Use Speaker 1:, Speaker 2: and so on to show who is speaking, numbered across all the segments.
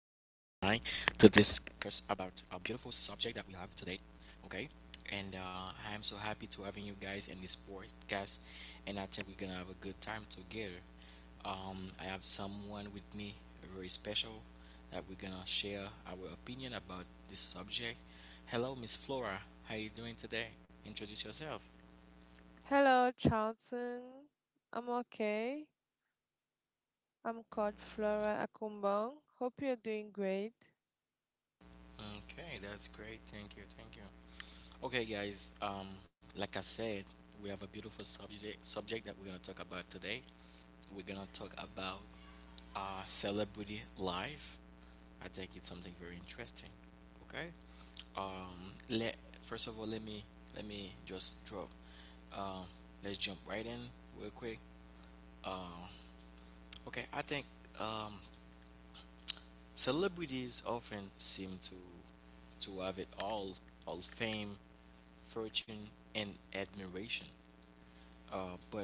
Speaker 1: about a beautiful subject that we have today, okay? And I am so happy to having you guys in this podcast, and I think we're gonna have a good time together. I have someone with me very special that we're gonna share our opinion about this subject. Hello, Miss Flora. How you doing today? Introduce yourself.
Speaker 2: Hello, Charlton. I'm okay. I'm called Flora Akumbong. Hope you're doing great.
Speaker 1: Okay, that's great. Thank you. Thank you. Okay, guys. Like I said, we have a beautiful subject that we're gonna talk about today. We're gonna talk about celebrity life. I think it's something very interesting. Okay. Let first of all, let me just drop. Um, let's jump right in real quick. Um, Okay, I think um, celebrities often seem to have it all fame, fortune, and admiration. But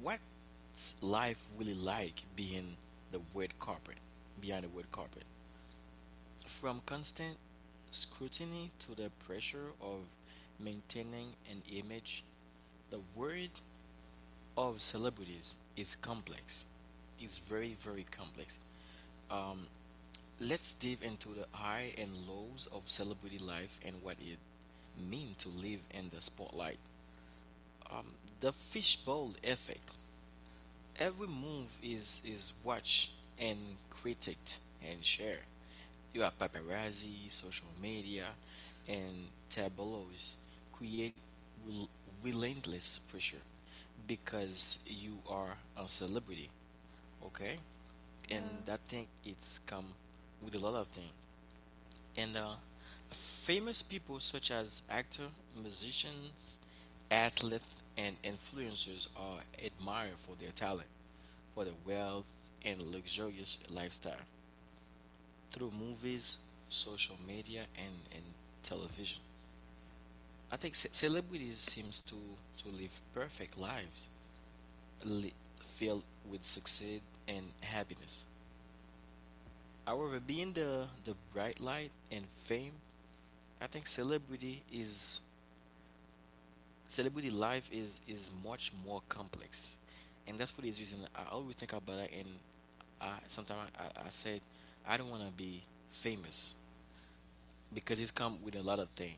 Speaker 1: what's life really like being the red carpet, behind the red carpet? From constant scrutiny to the pressure of maintaining an image, the world of celebrities is complex. It's very, very complex. Um, let's dive into the high and lows of celebrity life and what it means to live in the spotlight. Um, the fishbowl effect. Every move is watched and critiqued and shared. You have paparazzi, social media, and tabloids create rel- relentless pressure because you are a celebrity, okay?
Speaker 2: Yeah,
Speaker 1: And that thing it's come with a lot of things and famous people such as actors, musicians, athletes, and influencers are admired for their talent, for their wealth, and luxurious lifestyle through movies, social media, and television. I think celebrities seems to live perfect lives, li- filled with success and happiness. However, being the bright light and fame, I think celebrity life is much more complex, and that's for this reason I always think about it. And I sometimes I said I don't want to be famous because it's come with a lot of thing,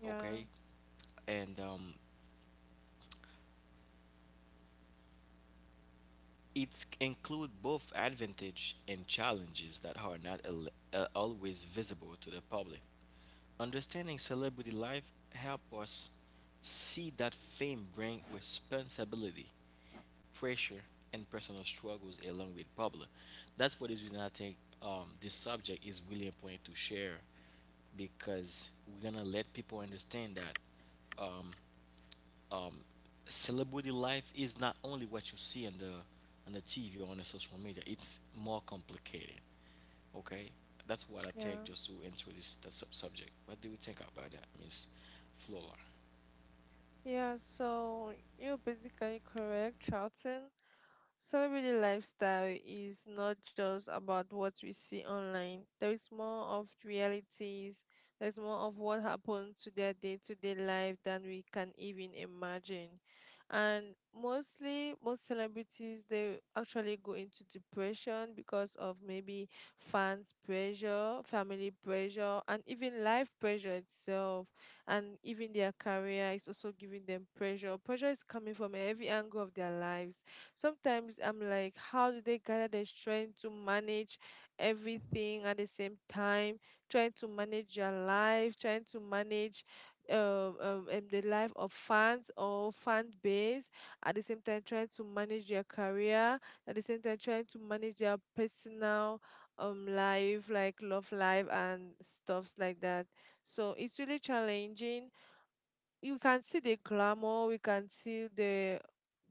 Speaker 2: yeah,
Speaker 1: okay? And it's include both advantage and challenges that are not always visible to the public. Understanding celebrity life help us see that fame bring responsibility, pressure, and personal struggles along with Pablo. That's for this reason I think this subject is really important to share because we're gonna let people understand that um, celebrity life is not only what you see on the TV or on the social media. It's more complicated. Okay, that's what I think
Speaker 2: yeah.
Speaker 1: just to introduce the subject. What do you think about that, Miss Flora?
Speaker 2: Yeah, so you're basically correct, Charlton. Celebrity lifestyle is not just about what we see online. There is more of realities. There's more of what happens to their day-to-day life than we can even imagine. And mostly, most celebrities they actually go into depression because of maybe fans pressure, family pressure, and even life pressure itself. And even their career is also giving them pressure. Pressure is coming from every angle of their lives. Sometimes I'm like, how do they gather the strength to manage everything at the same time? Trying to manage your life, trying to manage the life of fans or fan base, at the same time trying to manage their career, at the same time trying to manage their personal life, like love life and stuffs like that. So it's really challenging. You can see the glamour, we can see the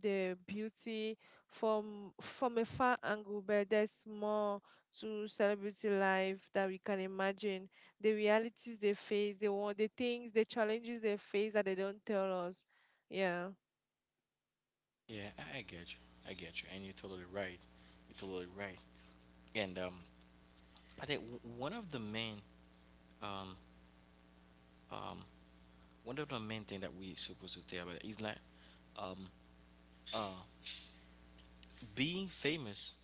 Speaker 2: beauty from a far angle, but there's more to celebrity life that we can imagine. The realities they face, the things, the challenges they face that they don't tell us. Yeah.
Speaker 1: Yeah, I get you. I get you, and you're totally right. You're totally right. And I think one of the main um um one of the main thing that we supposed to tell about is like um uh being famous,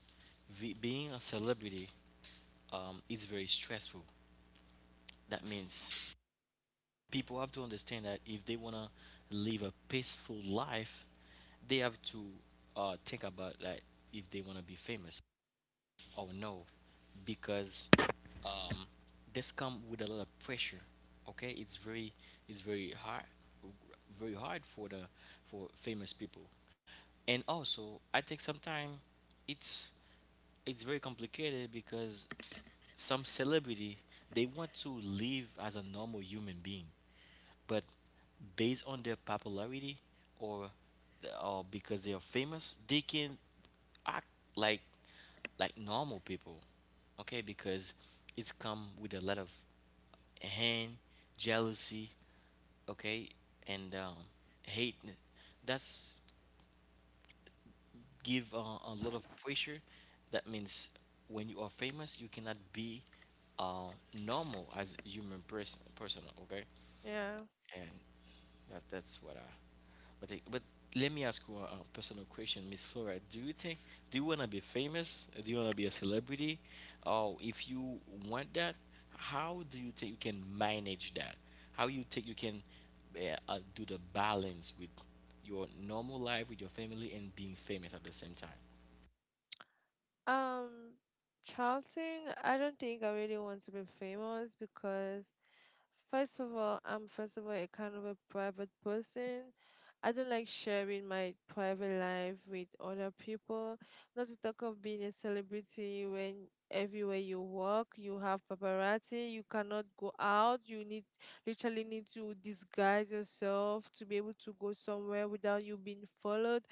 Speaker 1: being a celebrity is very stressful. That means people have to understand that if they wanna live a peaceful life, they have to think about like if they wanna be famous or no, because um, this come with a lot of pressure. Okay, it's very, it's very hard for the for famous people, and also I think sometimes it's it's very complicated because some celebrity they want to live as a normal human being, but based on their popularity or or because they are famous, they can act like like normal people, okay, because it's come with a lot of hand, jealousy, okay, and hate. That's give a lot of pressure. That means when you are famous you cannot be uh, normal as a human person, okay,
Speaker 2: Yeah.
Speaker 1: and that, that's what i. But but let me ask you a personal question, Miss Flora. Do you think, do you wanna be famous? Do you wanna be a celebrity? Or if you want that, how do you think you can manage that? How you think you can do the balance with your normal life, with your family and being famous at the same time?
Speaker 2: Um, Charlton, I don't think I really want to be famous because, first of all, I'm first of all a kind of a private person. I don't like sharing my private life with other people. Not to talk of being a celebrity when everywhere you walk, you have paparazzi, you cannot go out, you need literally need to disguise yourself to be able to go somewhere without you being followed.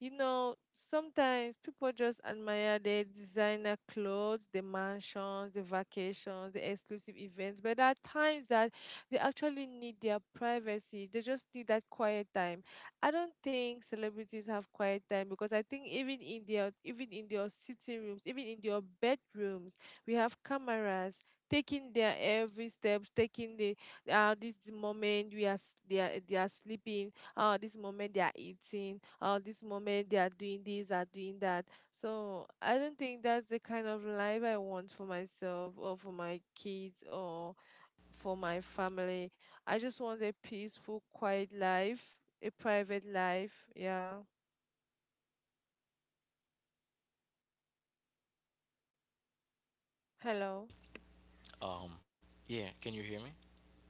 Speaker 2: You know, sometimes people just admire their designer clothes, the mansions, the vacations, the exclusive events, but there are times that they actually need their privacy. They just need that quiet time. I don't think celebrities have quiet time because I think even in their sitting rooms, even in their bedrooms, we have cameras taking their every steps, taking the this moment they are sleeping. Oh, this moment they are eating. Oh, this moment they are doing this are doing that. So I don't think that's the kind of life I want for myself or for my kids or for my family. I just want a peaceful quiet life, a private life. Yeah. Hello.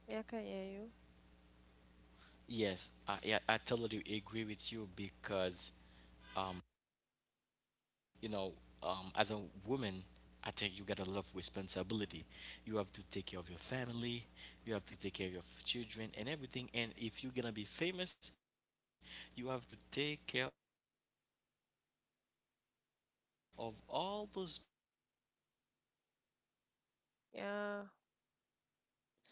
Speaker 2: Yeah, I can hear you.
Speaker 1: I get you. I get you. And I totally um yeah, can you hear me? Yes, I, yeah, I totally agree with you because um, you know, as a woman, I think you got a lot of
Speaker 2: Yeah,
Speaker 1: responsibility.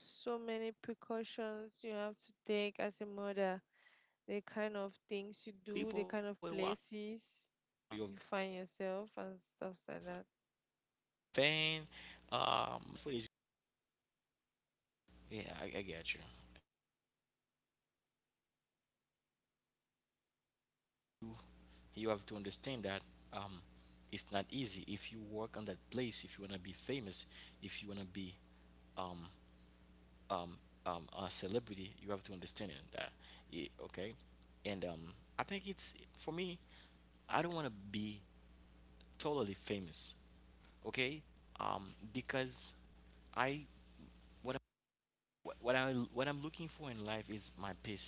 Speaker 1: You have to
Speaker 2: many
Speaker 1: take care of your
Speaker 2: precautions
Speaker 1: family,
Speaker 2: you have to
Speaker 1: you have
Speaker 2: take
Speaker 1: to take
Speaker 2: as a
Speaker 1: care of your
Speaker 2: mother.
Speaker 1: children
Speaker 2: The
Speaker 1: and
Speaker 2: kind
Speaker 1: everything,
Speaker 2: of
Speaker 1: and
Speaker 2: things you
Speaker 1: if you're
Speaker 2: do,
Speaker 1: gonna
Speaker 2: the
Speaker 1: be
Speaker 2: kind of
Speaker 1: famous, you
Speaker 2: places
Speaker 1: have to
Speaker 2: you
Speaker 1: take
Speaker 2: find
Speaker 1: care of
Speaker 2: yourself, and
Speaker 1: all
Speaker 2: stuff
Speaker 1: those
Speaker 2: like
Speaker 1: people
Speaker 2: that.
Speaker 1: around you, your fan, um, the haters, and that can give you a lot of pressure. That's why you usually see sometimes some artists they, yeah, I get you, I get you, you're right, okay, and you, you have to understand that um, it's not easy. If you work on that place, if you want to be famous, if you want to be um, um, a celebrity, you have to understand it, that it, okay. And I think it's for me, I don't want to be totally famous, okay, um, because i, what, I, what I'm looking for in life is my peace.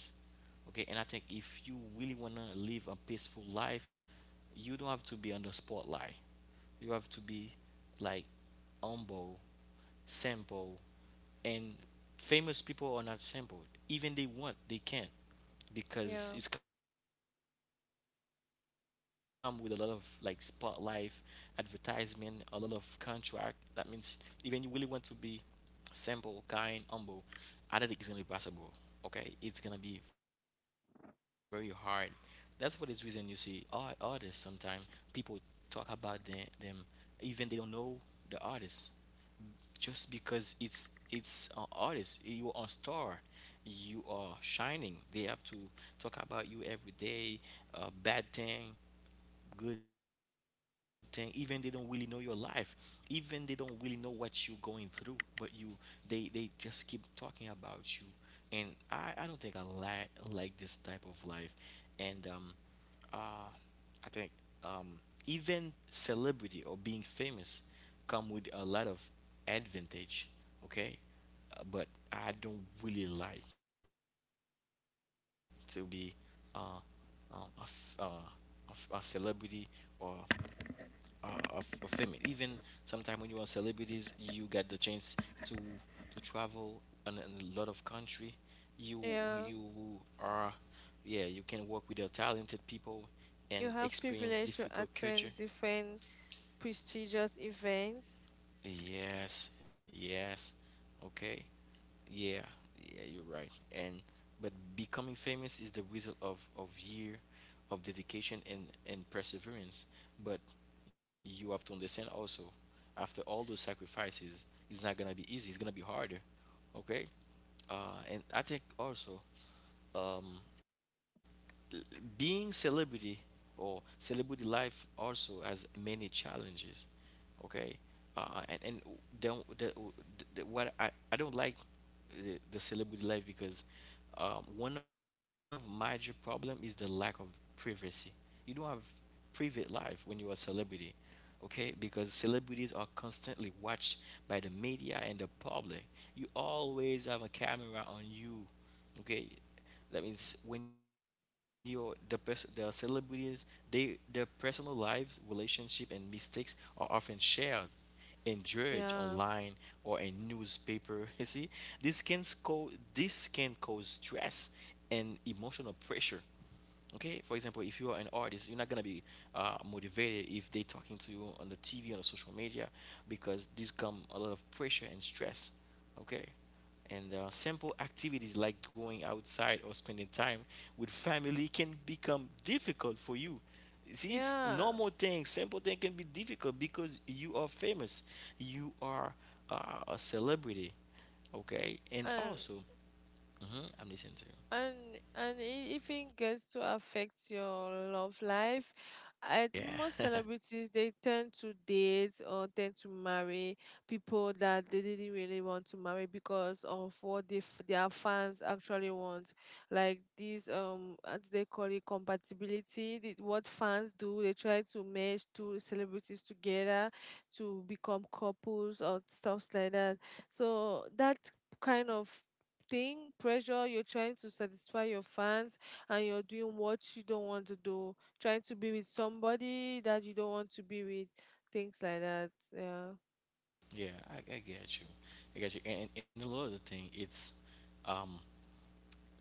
Speaker 1: Okay, and I think if you really wanna live a peaceful life, you don't have to be on the spotlight. You have to be like humble, simple, and famous people are not simple. Even they want, they can't,
Speaker 2: Yeah,
Speaker 1: because it's come with a lot of like spotlight, advertisement, a lot of contract. That means even you really want to be simple, kind, humble, I don't think it's gonna be possible. Okay, it's gonna be very hard. That's for this reason you see artists sometimes people talk about the, them, even they don't know the artist, just because it's an artist, you are a star, you are shining, they have to talk about you every day, a bad thing, good thing, even they don't really know your life, even they don't really know what you're going through, but you, they just keep talking about you, and i don't think I like this type of life, and uh I think um even celebrity or being famous come with a lot of advantage, okay, but I don't really like to be uh, um, a, f- uh, a celebrity or of fame. Even sometimes when you are celebrities, you get the chance to to travel in a lot of country. You you
Speaker 2: yeah.
Speaker 1: are, yeah, you can work with the talented people and
Speaker 2: You have
Speaker 1: experience
Speaker 2: privilege to
Speaker 1: difficult culture.
Speaker 2: attend different prestigious events.
Speaker 1: Yes, yes. Okay. Yeah, yeah, you're right. And but becoming famous is the result of year of dedication and perseverance. But you have to understand also, after all those sacrifices, it's not gonna be easy. It's gonna be harder. Okay. And I think also, um, being celebrity or celebrity life also has many challenges, okay, and don't the, what I don't like the celebrity life because one of major problem is the lack of privacy. You don't have private life when you are a celebrity, okay, because celebrities are constantly watched by the media and the public. You always have a camera on you, okay. That means when you're the person, the celebrities, they, their personal lives, relationship, and mistakes are often shared and judged online
Speaker 2: Yeah,
Speaker 1: or in newspaper you see, this can cause, this can cause stress and emotional pressure, okay. For example, if you are an artist, you're not going to be motivated if they talking to you on the TV, on the social media, because this come a lot of pressure and stress, okay. And simple activities like going outside or spending time with family can become difficult for you. See,
Speaker 2: yeah.
Speaker 1: normal things, simple things, can be difficult because you are famous, you are a celebrity, okay, and
Speaker 2: And
Speaker 1: also. Mhm, I'm listening to you.
Speaker 2: And and i- if it even gets to affect your love life,
Speaker 1: Yeah
Speaker 2: most celebrities they tend to date or tend to marry people that they didn't really want to marry because of what they, their fans actually want. Like this, what do they call it, compatibility. What fans do, they try to merge two celebrities together to become couples or stuff like that. So that kind of thing, pressure, you're trying to satisfy your fans and you're doing what you don't want to do, trying to be with somebody that you don't want to be with, things like that. Yeah.
Speaker 1: Yeah, I get you. I get you. And a lot of the thing, um,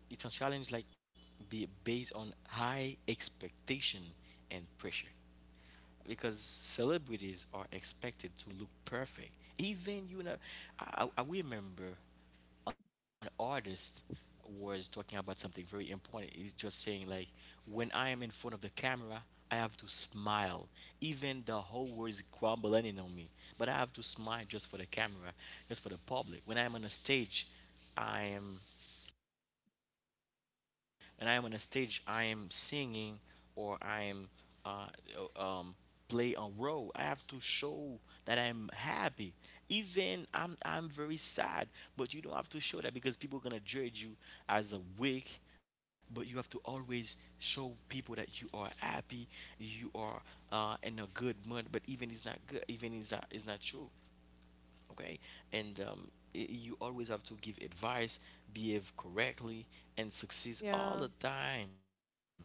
Speaker 1: it's a challenge like be based on high expectation and pressure because celebrities are expected to look perfect. Even you know, I remember an artist was talking about something very important. He's just saying like, when I am in front of the camera, I have to smile, even the whole world is crumbling in on me. But I have to smile just for the camera, just for the public. When I am on a stage, I am, and I am on a stage, I am singing or I am uh, uh, um, play a role. I have to show that I'm happy. Even I'm very sad, but you don't have to show that because people are gonna judge you as a weak. But you have to always show people that you are happy, you are in a good mood. But even it's not good, even it's not true. Okay, and you always have to give advice, behave correctly, and
Speaker 2: Yeah.
Speaker 1: succeed all the time.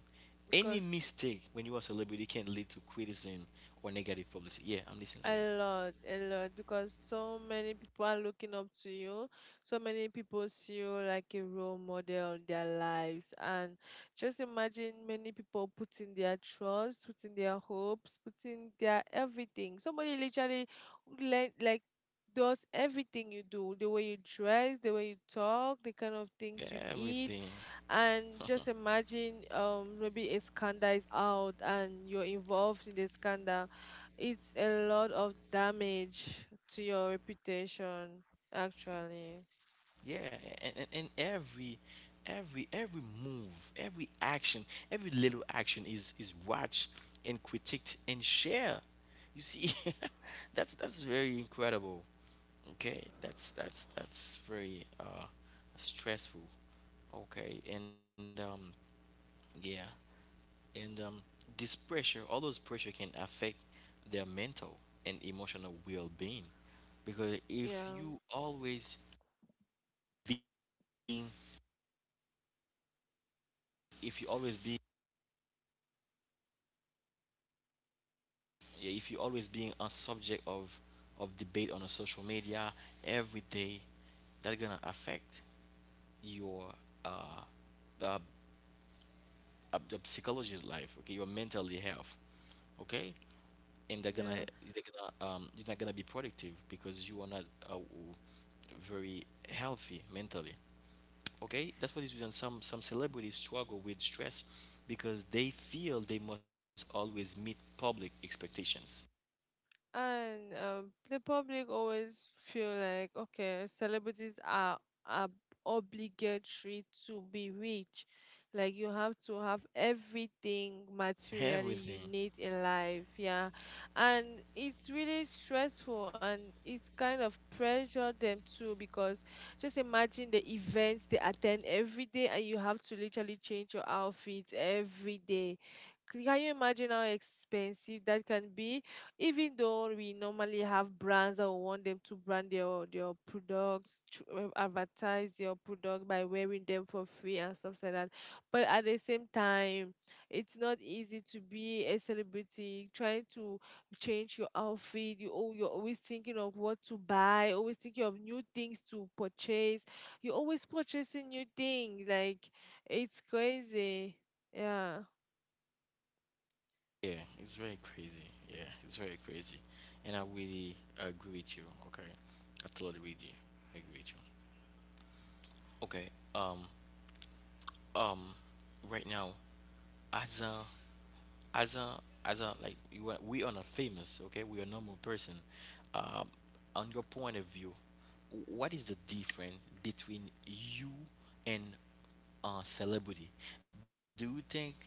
Speaker 1: Any
Speaker 2: Because
Speaker 1: mistake when you are a celebrity can lead to criticism or negative publicity. Yeah, I'm
Speaker 2: a
Speaker 1: listening to you.
Speaker 2: lot, a lot, because so many people are looking up to you. So many people see you like a role model in their lives. And just imagine many people putting their trust, putting their hopes, putting their everything. Somebody literally like does everything you do, the way you dress, the way you talk, the kind of things you eat,
Speaker 1: Everything.
Speaker 2: and just imagine maybe a scandal is out and you're involved in the scandal. It's a lot of damage to your reputation, actually.
Speaker 1: Yeah, and every every move, every action, every little action is watched and critiqued and shared, you see. That's very incredible. Okay, that's very stressful. Okay, and yeah, and this pressure, all those pressure can affect their mental and emotional well-being. Because
Speaker 2: Yeah.
Speaker 1: being if you always being yeah, if you always being a subject of debate on a social media every day, that's gonna affect your uh, uh, uh psychologist life. Okay, your mental health. Okay, and
Speaker 2: Yeah.
Speaker 1: they're gonna you're not gonna be productive because you are not uh, very healthy mentally. Okay, that's what is reason some celebrities struggle with stress because they feel they must always meet public expectations.
Speaker 2: And the public always feel like, okay, celebrities are obligatory to be rich. Like you have to have everything materially
Speaker 1: Everything.
Speaker 2: you need in life, yeah. And it's really stressful and it's kind of pressure them too because just imagine the events they attend every day and you have to literally change your outfits every day. Can you imagine how expensive that can be? Even though we normally have brands that will want them to brand their products, advertise their product by wearing them for free and stuff like that. But at the same time, it's not easy to be a celebrity trying to change your outfit. You're always thinking of what to buy, always thinking of new things to purchase. You're always purchasing new things. Like, it's crazy. Yeah.
Speaker 1: Yeah, it's very crazy. Yeah, it's very crazy, and I really agree with you. Okay, I totally agree with you. I agree with you. Okay. Um. Um. Right now, as a as a as a like you are, we are not famous. Okay, we are normal person. um on your point of view, what is the difference between you and celebrity? Do you think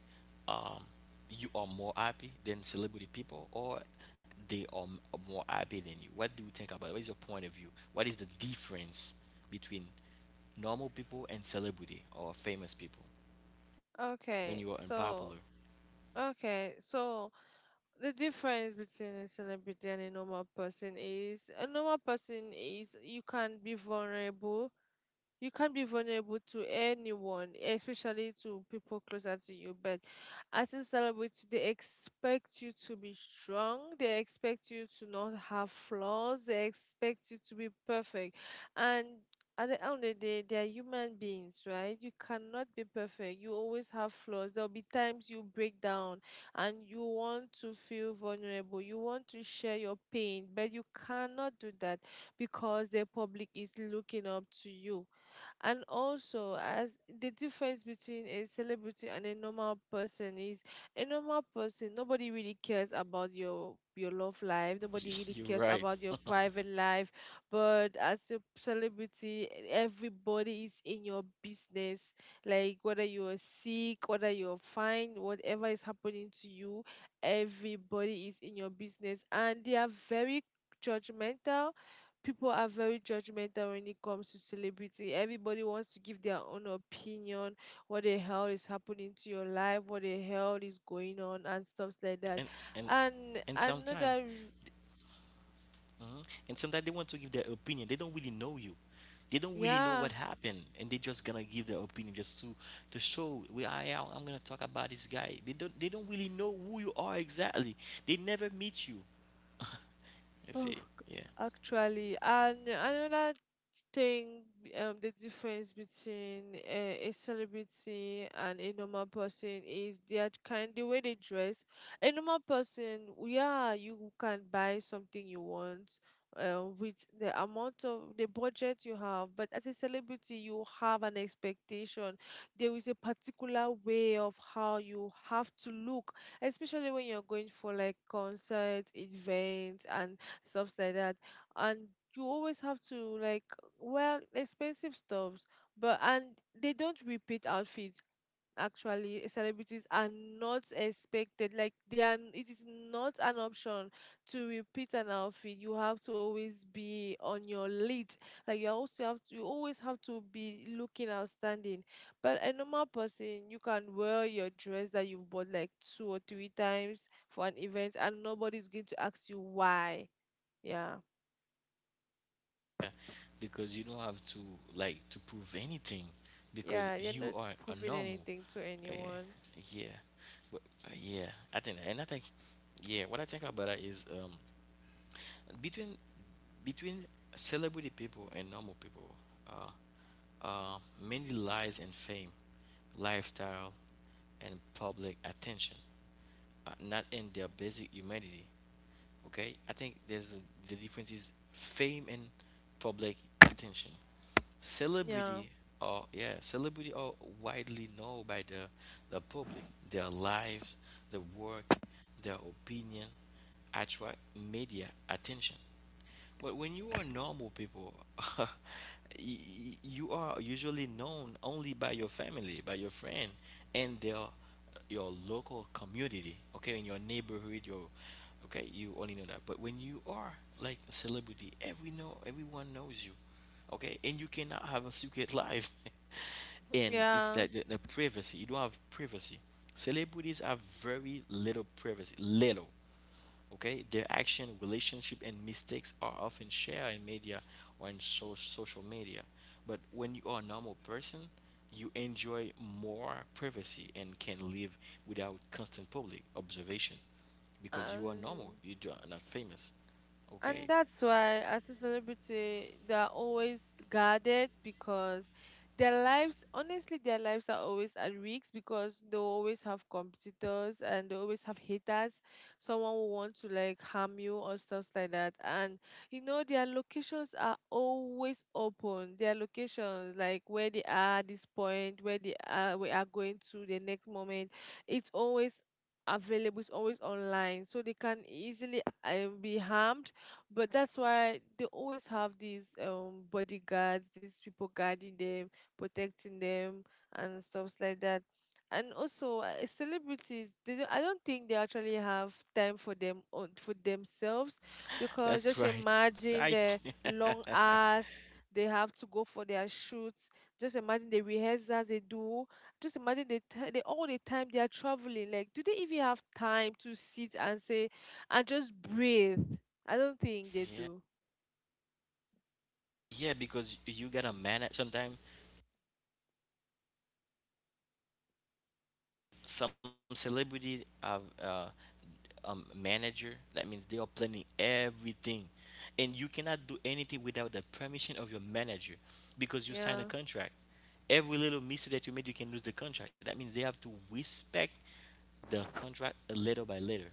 Speaker 1: um you are more happy than celebrity people, or they are m- more happy than you? What do you think about it? What is your point of view? What is the difference between normal people and celebrity or famous people when you are
Speaker 2: Okay.
Speaker 1: unpopular?
Speaker 2: So the difference between a celebrity and a normal person is a normal person is you can be vulnerable. You can't be vulnerable to anyone, especially to people closer to you. But as in celebrity, they expect you to be strong. They expect you to not have flaws. They expect you to be perfect. And at the end of the day, they are human beings, right? You cannot be perfect. You always have flaws. There'll be times you break down and you want to feel vulnerable. You want to share your pain, but you cannot do that because the public is looking up to you. And also, as the difference between a celebrity and a normal person is a normal person, nobody really cares about your love life, nobody really
Speaker 1: You're
Speaker 2: cares
Speaker 1: right.
Speaker 2: about your private life. But as a celebrity, everybody is in your business. Like whether you are sick, whether you're fine, whatever is happening to you, everybody is in your business. And they are very judgmental. People are very judgmental when it comes to celebrity. Everybody wants to give their own opinion, what the hell is happening to your life, what the hell is going on, and stuffs
Speaker 1: and
Speaker 2: like that.
Speaker 1: and and
Speaker 2: And
Speaker 1: sometimes
Speaker 2: another,
Speaker 1: hmm and sometimes they want to give their opinion, they don't really know you, they don't really know what
Speaker 2: yeah.
Speaker 1: happened, and they just gonna give their opinion just to show, we I'm gonna talk about this guy. They don't really know who you are exactly. They never meet you, you
Speaker 2: Oh,
Speaker 1: see. Yeah.
Speaker 2: actually, and another thing, the difference between a celebrity and a normal person is their kind, the way they dress. A normal person, yeah, you can buy something you want, with the amount of the budget you have. But as a celebrity, you have an expectation. There is a particular way of how you have to look, especially when you're going for like concerts, events, and stuffs like that. And you always have to like well expensive stuffs. But and they don't repeat outfits. Actually celebrities are not expected, like they are, it is not an option to repeat an outfit. You have to always be on your lead. You also have to, you always have to be looking outstanding. But a normal person, you can wear your dress that you've bought like two or three times for an event and nobody's going to ask you why. Yeah.
Speaker 1: Yeah. Because you don't have to like to prove anything, because
Speaker 2: Yeah, you're
Speaker 1: you
Speaker 2: not
Speaker 1: are a
Speaker 2: proving
Speaker 1: normal.
Speaker 2: anything to
Speaker 1: uh,
Speaker 2: anyone.
Speaker 1: yeah I think, yeah, what I think about that is, between between celebrity people and normal people, uh, many lies and fame, lifestyle, and public attention, not in their basic humanity. Okay, I think there's a, the difference is fame and public attention.
Speaker 2: Yeah.
Speaker 1: Celebrity or yeah, celebrity are widely known by the public. Their lives, their work, their opinion attract media attention. But when you are normal people, y- y- you are usually known only by your family, by your friend, and their your local community. Okay, in your neighborhood, your okay, you only know that. But when you are like a celebrity, everyone knows you. Okay, and you cannot have a secret life, and it's
Speaker 2: Yeah.
Speaker 1: like the privacy. You don't have privacy. Celebrities have very little privacy. Little. Okay, their action, relationship, and mistakes are often shared in media or in social media. But when you are a normal person, you enjoy more privacy and can live without constant public observation because you are
Speaker 2: Um
Speaker 1: normal. You are not famous.
Speaker 2: And
Speaker 1: Okay,
Speaker 2: that's why, as a celebrity, they are always guarded because their lives, honestly, their lives are always at risk because they will always have competitors and they always have haters. Someone will want to like harm you or stuff like that. And you know, their locations are always open. Their locations, like where they are at this point, where they are, we are going to the next moment, it's always available. It's always online, so they can easily be harmed. But that's why they always have these bodyguards, these people guarding them, protecting them, and stuffs like that. And also, celebrities, they don't, I don't think they actually have time for them on for themselves because just
Speaker 1: that's right.
Speaker 2: imagine
Speaker 1: I
Speaker 2: the long hours they have to go for their shoots. Just imagine the rehearsals they do. Just imagine the all the time they are traveling. Like, do they even have time to sit and say and just breathe? I don't think they do.
Speaker 1: yeah yeah because you gotta manage. Sometimes some celebrity have manager. That means they are planning everything. And you cannot do anything without the permission of your manager because you sign a
Speaker 2: Yeah.
Speaker 1: contract. Every little mistake that you made, you can lose the contract. That means they have to respect the contract little by little.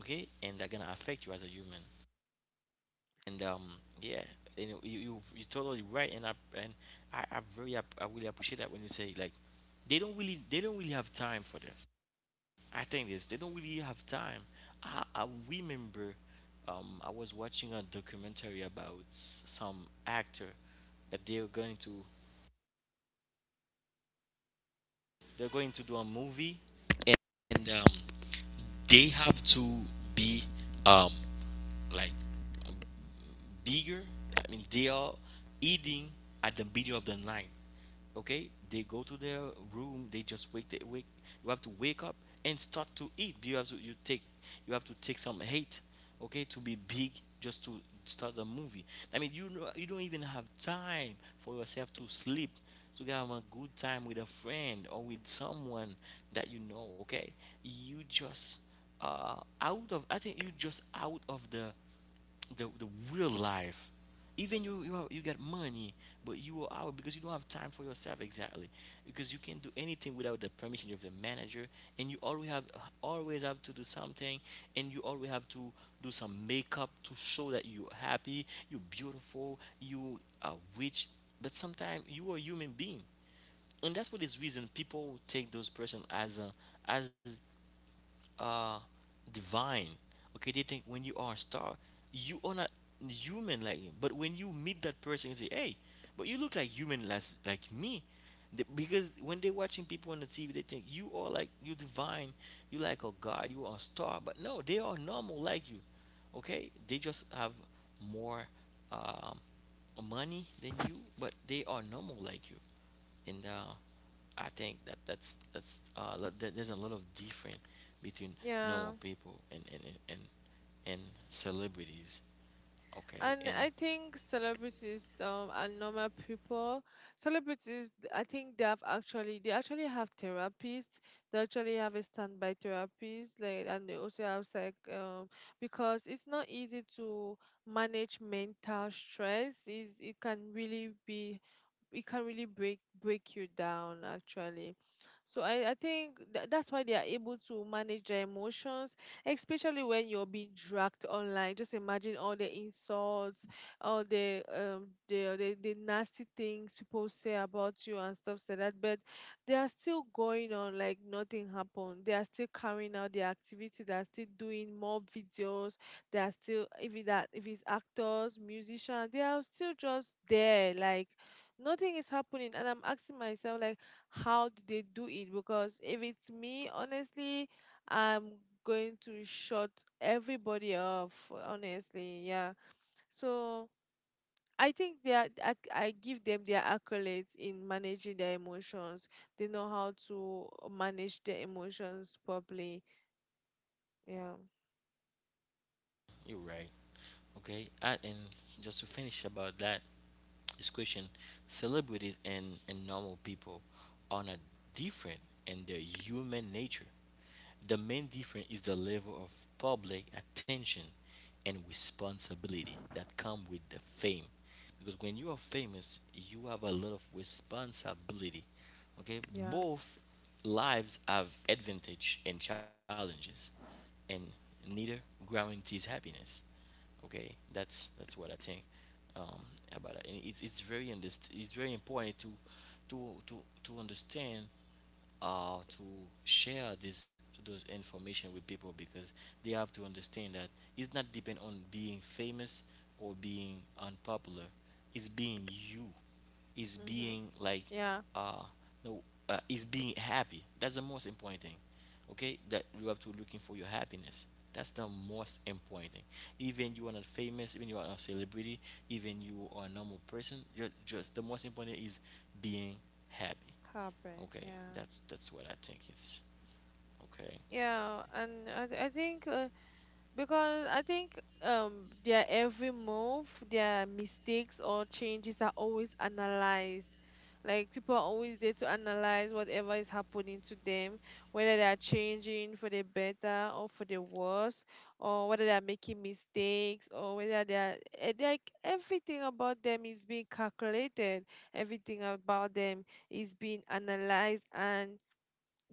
Speaker 1: Okay? And that gonna affect you as a human. And yeah, you know, you're totally right. And I and I very I really appreciate that when you say like they don't really have time for that. I think this they don't really have time. I remember I was watching a documentary about some actor that they're going to do a movie, and they have to be um, like bigger. I mean, they are eating at the middle of the night. Okay, they go to their room. They just wake. They wake. You have to wake up and start to eat. You have to you take. You have to take some hate. Okay, to be big just to start the movie. I mean, you know, you don't even have time for yourself to sleep, to have a good time with a friend or with someone that you know. Okay, you just uh out of, I think you just out of the the real life. Even you get money, but you are out because you don't have time for yourself exactly, because you can't do anything without the permission of the manager, and you always have, always have to do something and you always have to do some makeup to show that you're happy, you're beautiful, you are rich. But sometimes you are a human being. And that's for this reason people take those person as a as uh divine. Okay, they think when you are a star, you are not human like me. But when you meet that person and say hey, but you look like human less like me. Because when they're watching people on the TV, they think you are like you divine, you like a god, you are a star. But no, they are normal like you. Okay, they just have more um money than you, but they are normal like you. And I think that that's there's a lot of difference between
Speaker 2: Yeah.
Speaker 1: normal people and and celebrities. Okay,
Speaker 2: And I
Speaker 1: and
Speaker 2: think celebrities and normal people, celebrities, I think they actually have therapists. They actually have a standby therapist, like, and they also have psych, because it's not easy to manage mental stress. Is it can really be, it can really break you down actually. So I think that's why they are able to manage their emotions, especially when you're being dragged online. Just imagine all the insults, all the the nasty things people say about you and stuff like that. But they are still going on like nothing happened. They are still carrying out their activity. They are still doing more videos. They are still, if it's actors, musicians, they are still just there. Like nothing is happening. And I'm asking myself like how do they do it? Because if it's me, honestly, I'm going to shut everybody off, honestly. Yeah. So I think I give them their accolades in managing their emotions. They know how to manage their emotions properly. Yeah.
Speaker 1: you're right. Okay, I, and just to finish about that this question, celebrities and normal people are not different in their human nature. The main difference is the level of public attention and responsibility that come with the fame, because when you are famous you have a lot of responsibility. Okay,
Speaker 2: Yeah.
Speaker 1: both lives have advantage and challenges, and neither guarantees happiness. Okay, that's what I think um about it. And it's very unders it's very important to to to to understand to share this those information with people, because they have to understand that it's not depend on being famous or being unpopular. It's being you is
Speaker 2: Mm-hmm.
Speaker 1: being like
Speaker 2: Yeah.
Speaker 1: uh no is being happy. That's the most important thing. Okay, that you have to looking for your happiness. That's the most important thing. Even you are not famous, even you are a celebrity, even you are a normal person, you're just, the most important is being happy.
Speaker 2: Happy.
Speaker 1: Okay,
Speaker 2: Yeah.
Speaker 1: that's what I think it's. Okay,
Speaker 2: Yeah. And I think because I think their every move, their mistakes or changes are always analyzed. Like people are always there to analyze whatever is happening to them, whether they are changing for the better or for the worse, or whether they are making mistakes or whether they are like everything about them is being calculated. Everything about them is being analyzed, and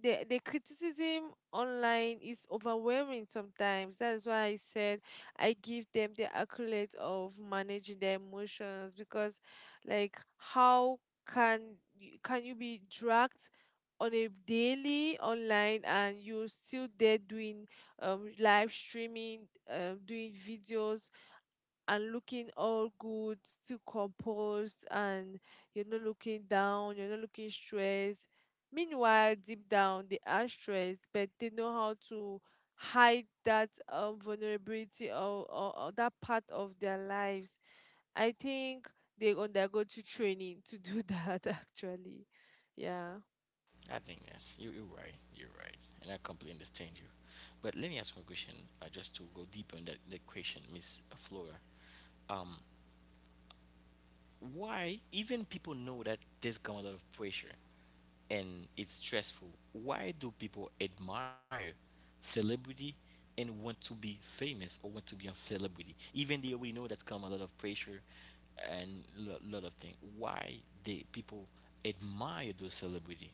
Speaker 2: the criticism online is overwhelming sometimes. That's why I said I give them the accolade of managing their emotions because like how can can you be dragged on a daily online and you're still there doing live streaming, doing videos and looking all good, still composed, and you're not looking down, you're not looking stressed. Meanwhile, deep down, they are stressed, but they know how to hide that vulnerability or that part of their lives. I think they undergo to training to do that actually. Yeah.
Speaker 1: I think yes, you're right, you're right, and I completely understand you. But let me ask one question, just to go deeper in that question, Miss Flora. um why, even people know that there's come a lot of pressure and it's stressful, why do people admire celebrity and want to be famous or want to be a celebrity, even they already know that's come a lot of pressure and a lot of things? Why they people admire those celebrity,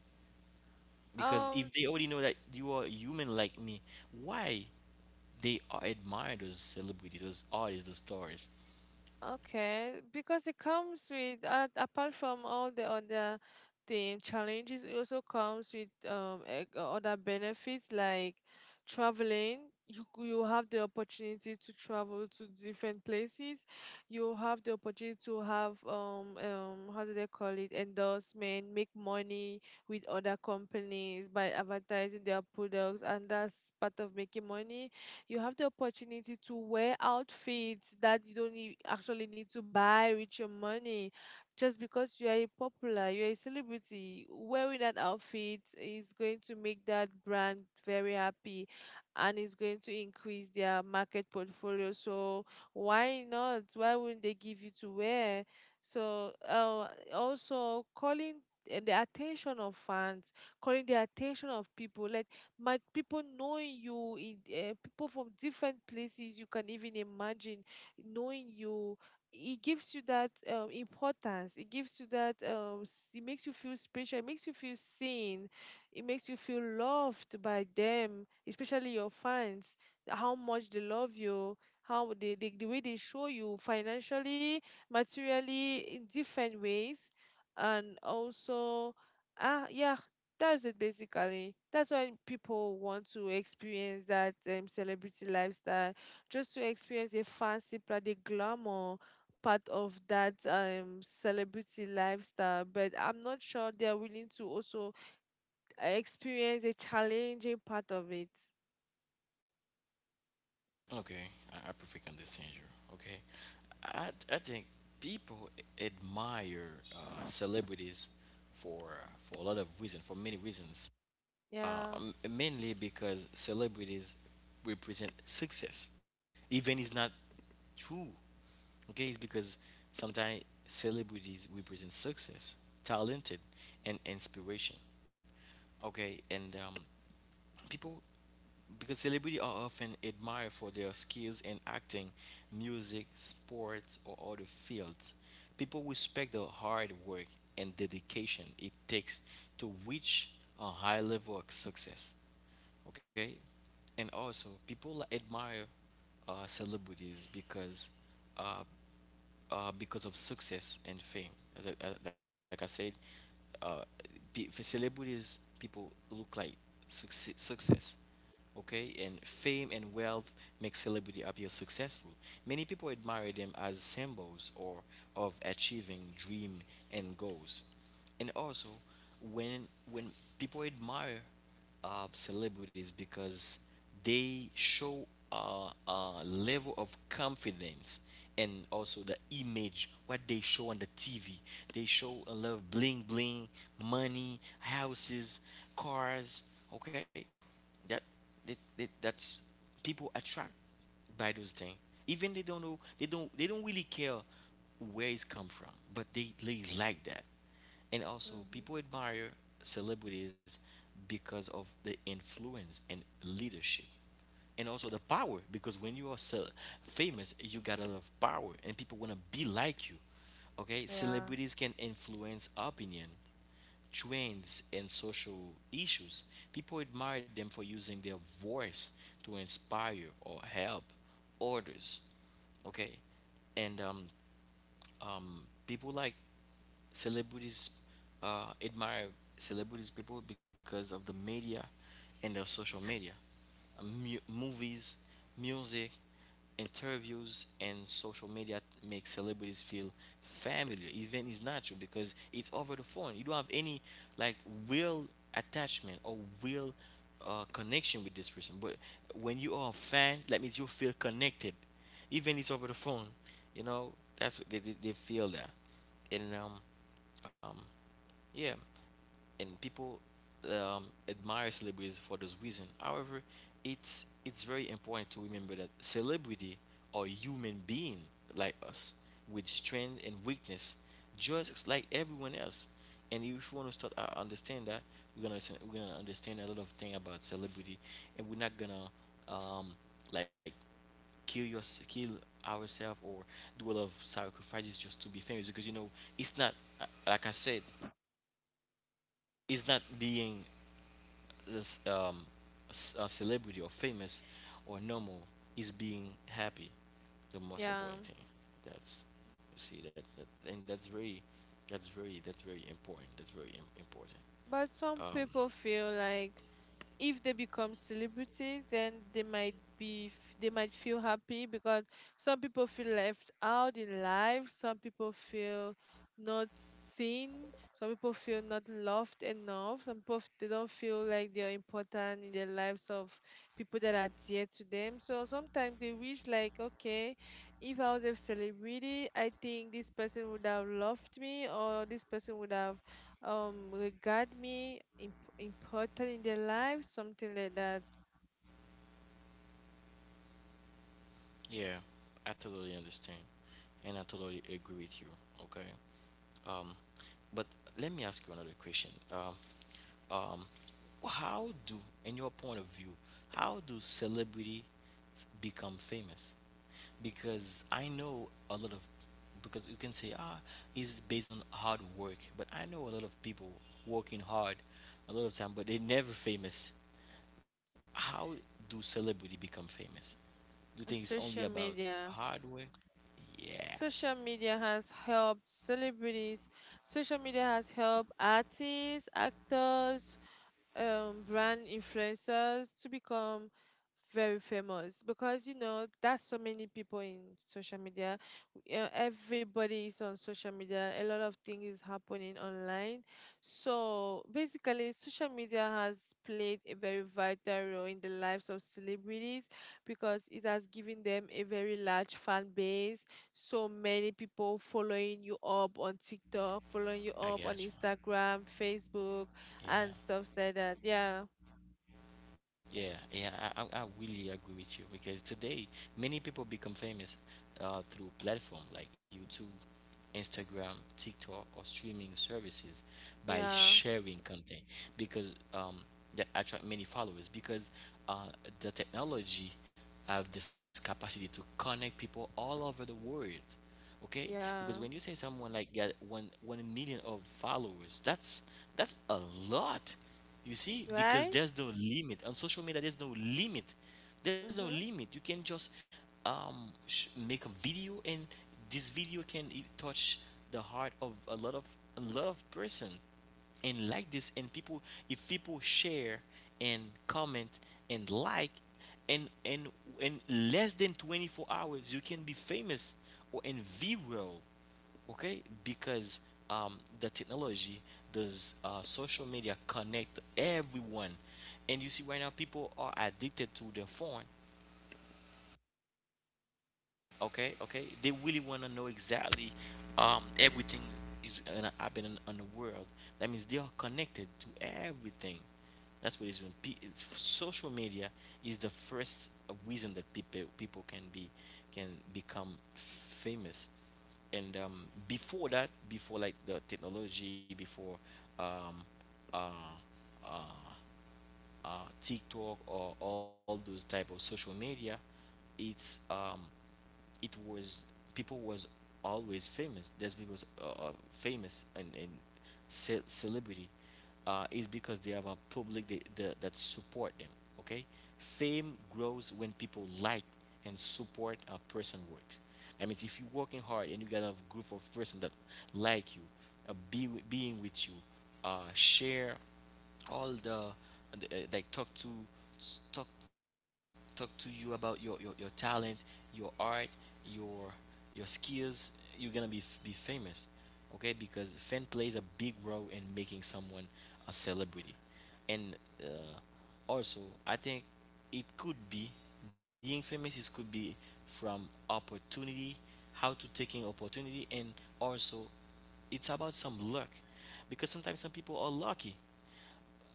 Speaker 1: because
Speaker 2: Um
Speaker 1: if they already know that you are human like me? Why they are admire those celebrity, those artists, those stars?
Speaker 2: Okay, because it comes with apart from all the other the challenges, it also comes with other benefits like traveling. You have the opportunity to travel to different places. You have the opportunity to have how do they call it, endorsement, make money with other companies by advertising their products, and that's part of making money. You have the opportunity to wear outfits that you don't actually need to buy with your money, just because you are a popular, you're a celebrity. Wearing that outfit is going to make that brand very happy and is going to increase their market portfolio. So why not? Why wouldn't they give you to wear? So also calling the attention of fans, calling the attention of people, letting might people knowing you in people from different places you can even imagine knowing you. It gives you that importance, it gives you that it makes you feel special, it makes you feel seen, it makes you feel loved by them, especially your fans, how much they love you, how the way they show you financially, materially, in different ways. And also, ah, yeah, that's it basically. That's why people want to experience that celebrity lifestyle, just to experience a fancy part, the glamour part of that celebrity lifestyle. But I'm not sure they're willing to also experience a challenging part of it.
Speaker 1: Okay, I perfect understand you. Okay, I think people admire celebrities for a lot of reasons, for many reasons.
Speaker 2: Yeah.
Speaker 1: Mainly because celebrities represent success, even it's not true. Okay, it's because sometimes celebrities represent success, talented, and inspiration. Okay, and people, because celebrities are often admired for their skills in acting, music, sports, or other fields. People respect the hard work and dedication it takes to reach a high level of success. Okay, and also people admire celebrities uh, because of success and fame. As I, like I said, uh, for celebrities, people look like success. Okay, and fame and wealth make celebrity appear successful. Many people admire them as symbols or of achieving dream and goals. And also, when people admire celebrities because they show a level of confidence and also the image what they show on the TV. They show a lot of bling bling, money, houses, cars. Okay, that, that's people attract by those things. Even they don't know, they don't really care where it's come from, but they like that. And also,
Speaker 2: Hmm.
Speaker 1: people admire celebrities because of the influence and leadership. And also the power, because when you are so famous, you got a lot of power, and people want to be like you. Okay,
Speaker 2: Yeah,
Speaker 1: celebrities can influence opinion, trends, and social issues. People admire them for using their voice to inspire or help others. Okay, and um, people like celebrities, admire celebrities people because of the media and their social media. Movies, music, interviews, and social media make celebrities feel familiar, even it's not true, because it's over the phone. You don't have any, like, real attachment or real connection with this person, but when you are a fan, that means you feel connected, even it's over the phone, you know that's they feel that. And um um, yeah, and people admire celebrities for this reason. However, it's very important to remember that celebrity are human being like us, with strength and weakness, just like everyone else. And if we want to start understand that, we're gonna understand a lot of thing about celebrity, and we're not gonna, um, like, kill your kill ourselves or do a lot of sacrifices just to be famous, because you know it's not, like I said, is not being this a celebrity or famous or normal, is being happy, the most
Speaker 2: yeah.
Speaker 1: important thing. That's, you see, that, and that's very, that's very important, important.
Speaker 2: But some
Speaker 1: um
Speaker 2: people feel like if they become celebrities, then they might be they might feel happy because some people feel left out in life, some people feel not seen, some people feel not loved enough, some people they don't feel like they're important in the lives of people that are dear to them. So sometimes they wish like, okay, if I was a celebrity, I think this person would have loved me, or this person would have regard me important in their life, something like that.
Speaker 1: yeah, I totally understand, and I totally agree with you. Okay. um but let me ask you another question. Um um, how do, in your point of view, how do celebrity become famous? Because I know a lot of, because you can say, ah, it's based on hard work, but I know a lot of people working hard a lot of time, but they never famous. How do celebrity become famous? Do you think it's only
Speaker 2: Social
Speaker 1: about
Speaker 2: media.
Speaker 1: hard work? Yes.
Speaker 2: Social media has helped celebrities, social media has helped artists, actors, brand influencers to become very famous, because you know that's so many people in social media. Everybody is on social media, a lot of things is happening online. So basically, social media has played a very vital role in the lives of celebrities, because it has given them a very large fan base, so many people following you up on TikTok, following you
Speaker 1: I
Speaker 2: up on
Speaker 1: got you.
Speaker 2: Instagram, Facebook, and
Speaker 1: Yeah.
Speaker 2: stuffs like that. Yeah,
Speaker 1: Yeah, yeah, I really agree with you, because today many people become famous through platform like YouTube, Instagram, TikTok, or streaming services, by
Speaker 2: yeah,
Speaker 1: sharing content, because that attract many followers, because uh, the technology, I have this capacity to connect people all over the world. Okay? Because when you
Speaker 2: yeah.
Speaker 1: say someone like got one million of followers, that's a lot. You see, because
Speaker 2: Right?
Speaker 1: there's no limit on social media. There's no limit. There's no
Speaker 2: Mhm.
Speaker 1: limit. You can just make a video, and this video can touch the heart of a lot of person, and like this, and people, if people share and comment and like, and in less than 24 hours you can be famous or in viral. Okay, because the technology does, social media connect everyone, and you see right now people are addicted to their phone. Okay, okay. They really want to know exactly everything is gonna happen in, on the world. That means they are connected to everything. That's what it is. Social media is the first reason that people can be, can become famous. And before that, before like the technology, before um, uh, uh, TikTok or all those type of social media, it's um, it was people was always famous. That's because famous and celebrity is because they have a public that that support them. Okay, fame grows when people like and support a person works. That means if you're working hard and you got a group of person that like you, being with you, share all the, and, talk to, talk talk to you about your talent, your art, your your skills. You're gonna be famous, okay? Because fan plays a big role in making someone a celebrity, and uh, also I think it could be being famous. It could be from opportunity, how to taking opportunity, and also it's about some luck, because sometimes some people are lucky.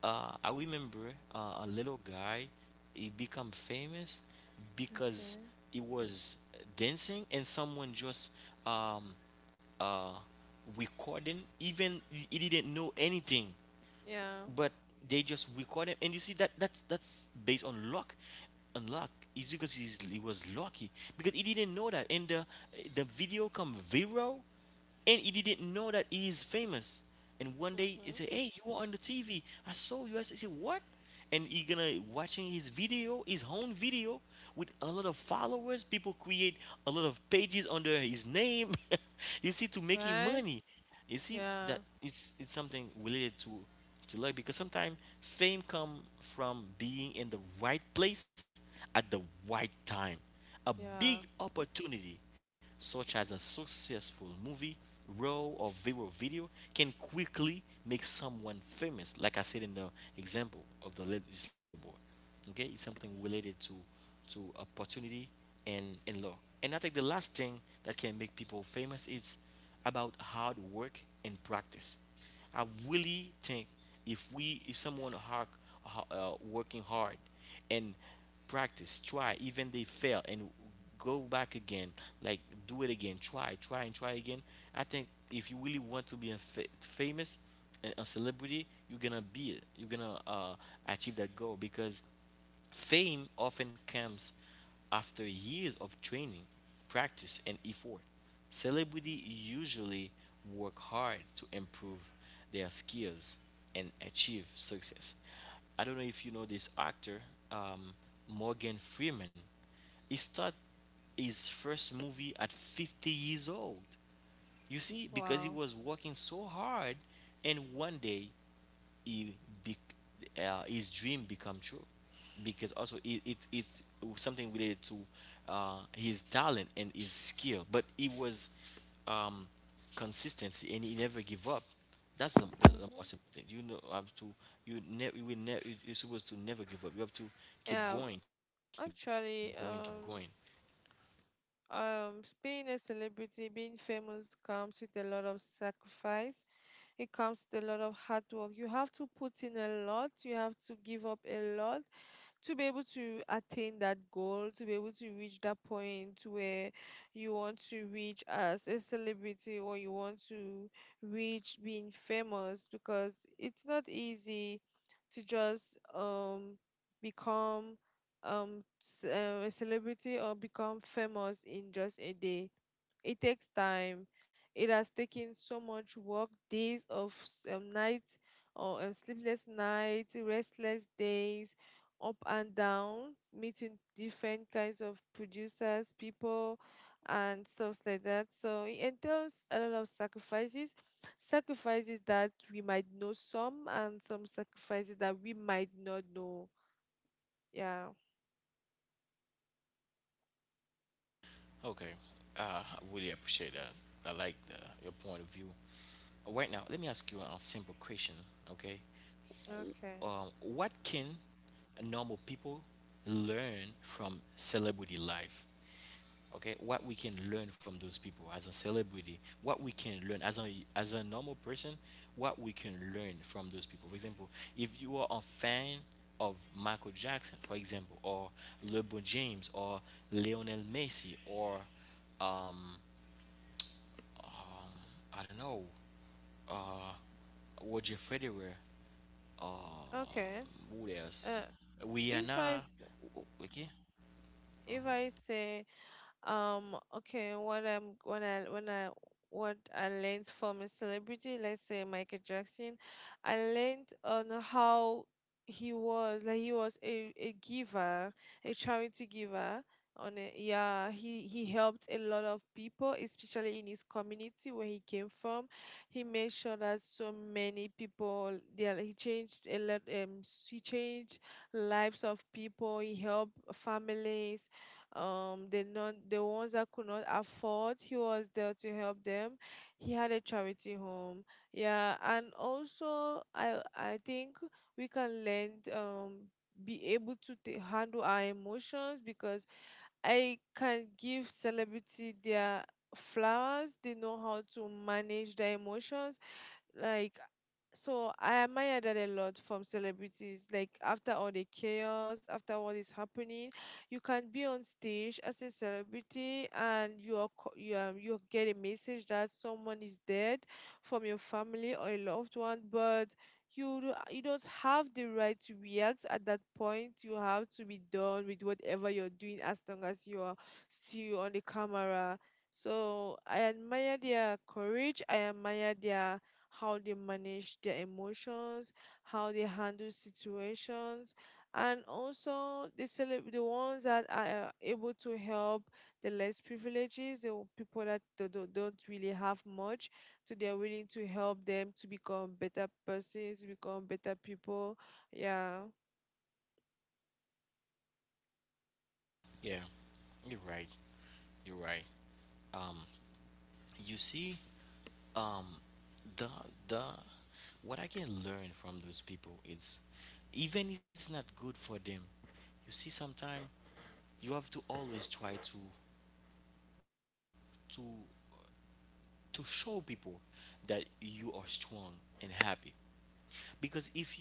Speaker 1: I remember a little guy. He become famous because
Speaker 2: Okay.
Speaker 1: he was dancing and someone just um, uh, recording. Even he didn't know anything,
Speaker 2: Yeah.
Speaker 1: but they just record him, and you see that that's based on luck, on luck, is because he was lucky, because he didn't know that, and the video come viral, and he didn't know that he is famous. And one day he
Speaker 2: Mhm.
Speaker 1: said, hey, you are on the TV, I saw you. I said, what? And he gonna watching his video, his own video, with a lot of followers. People create a lot of pages under his name you see, to making
Speaker 2: Right?
Speaker 1: money. You see
Speaker 2: Yeah.
Speaker 1: that it's something related to luck, because sometimes fame comes from being in the right place at the right time. A big
Speaker 2: Yeah.
Speaker 1: opportunity, such as a successful movie, role, or viral video, can quickly make someone famous. Like I said, in the example of this little boy. Okay, it's something related to opportunity, and law. And I think the last thing that can make people famous is about hard work and practice. I really think, if someone hard, working hard and practice, try, even they fail and go back again, like do it again, try, try, and try again. I think if you really want to be famous, a celebrity, you're gonna be it, you're gonna achieve that goal, because fame often comes after years of training, practice, and effort. Celebrity
Speaker 2: Mhm.
Speaker 1: usually work hard to improve their skills and achieve success. I don't know if you know this actor, um, Morgan Freeman. He started his first movie at 50 years old. You see, because he
Speaker 2: Wow.
Speaker 1: was working so hard, and one day he, be, his dream become true, because also it it's something related to his talent and his skill. But he was um, consistency, and he never give up. That's
Speaker 2: Mhm.
Speaker 1: the most important thing, you know, have to, you will never, you're supposed to never give up. You have to keep
Speaker 2: Yeah.
Speaker 1: going, keep going, keep going.
Speaker 2: Actually, being a celebrity, being famous comes with a lot of sacrifice. It comes with a lot of hard work. You have to put in a lot. You have to give up a lot to be able to attain that goal, to be able to reach that point where you want to reach as a celebrity, or you want to reach being famous, because it's not easy to just become a celebrity or become famous in just a day. It takes time. It has taken so much work, days of nights or sleepless nights, restless days, up and down, meeting different kinds of producers, people, and stuff like that. So it entails a lot of sacrifices, sacrifices that we might know some, and some sacrifices that we might not know. Yeah.
Speaker 1: Okay. I really appreciate that. I like your point of view. Right now, let me ask you a simple question, okay? What
Speaker 2: Okay.
Speaker 1: can normal people learn from celebrity life? Okay, what we can learn from those people as a celebrity, what we can learn as a normal person, what we can learn from those people. For example, if you are a fan of Michael Jackson, for example, or LeBron James, or Lionel Messi, or um, I don't know, uh, Roger Federer. Um,
Speaker 2: Okay.
Speaker 1: what else?
Speaker 2: Uh,
Speaker 1: We
Speaker 2: if I
Speaker 1: Rihanna.
Speaker 2: s-
Speaker 1: Okay,
Speaker 2: if I say, okay, what I'm when I what I learned from a celebrity, let's say Michael Jackson, I learned on how he was like. He was a giver, a charity giver. On a, yeah, he helped a lot of people, especially in his community where he came from. He made sure that so many people, yeah, he changed a lot. He changed lives of people. He helped families, the non the ones that could not afford, he was there to help them. He had a charity home. Yeah. And also, I think we can learn be able to handle our emotions, because I can give celebrity their flowers. They know how to manage their emotions. Like, so I admire that a lot from celebrities. Like after all the chaos, after what is happening, you can be on stage as a celebrity and you are you, you get a message that someone is dead from your family or a loved one, but you don't have the right to react at that point. You have to be done with whatever you're doing as long as you are still on the camera. So I admire their courage. I admire their how they manage their emotions, how they handle situations, and also the the ones that are able to help the less privileged, the people that don't really have much, so they are willing to help them to become better persons, become better people. Yeah,
Speaker 1: yeah, you're right. You're right. Um, you see, um, the the what I can learn from those people is, even it's not good for them. You see, sometimes you have to always try to to show people that you are strong and happy, because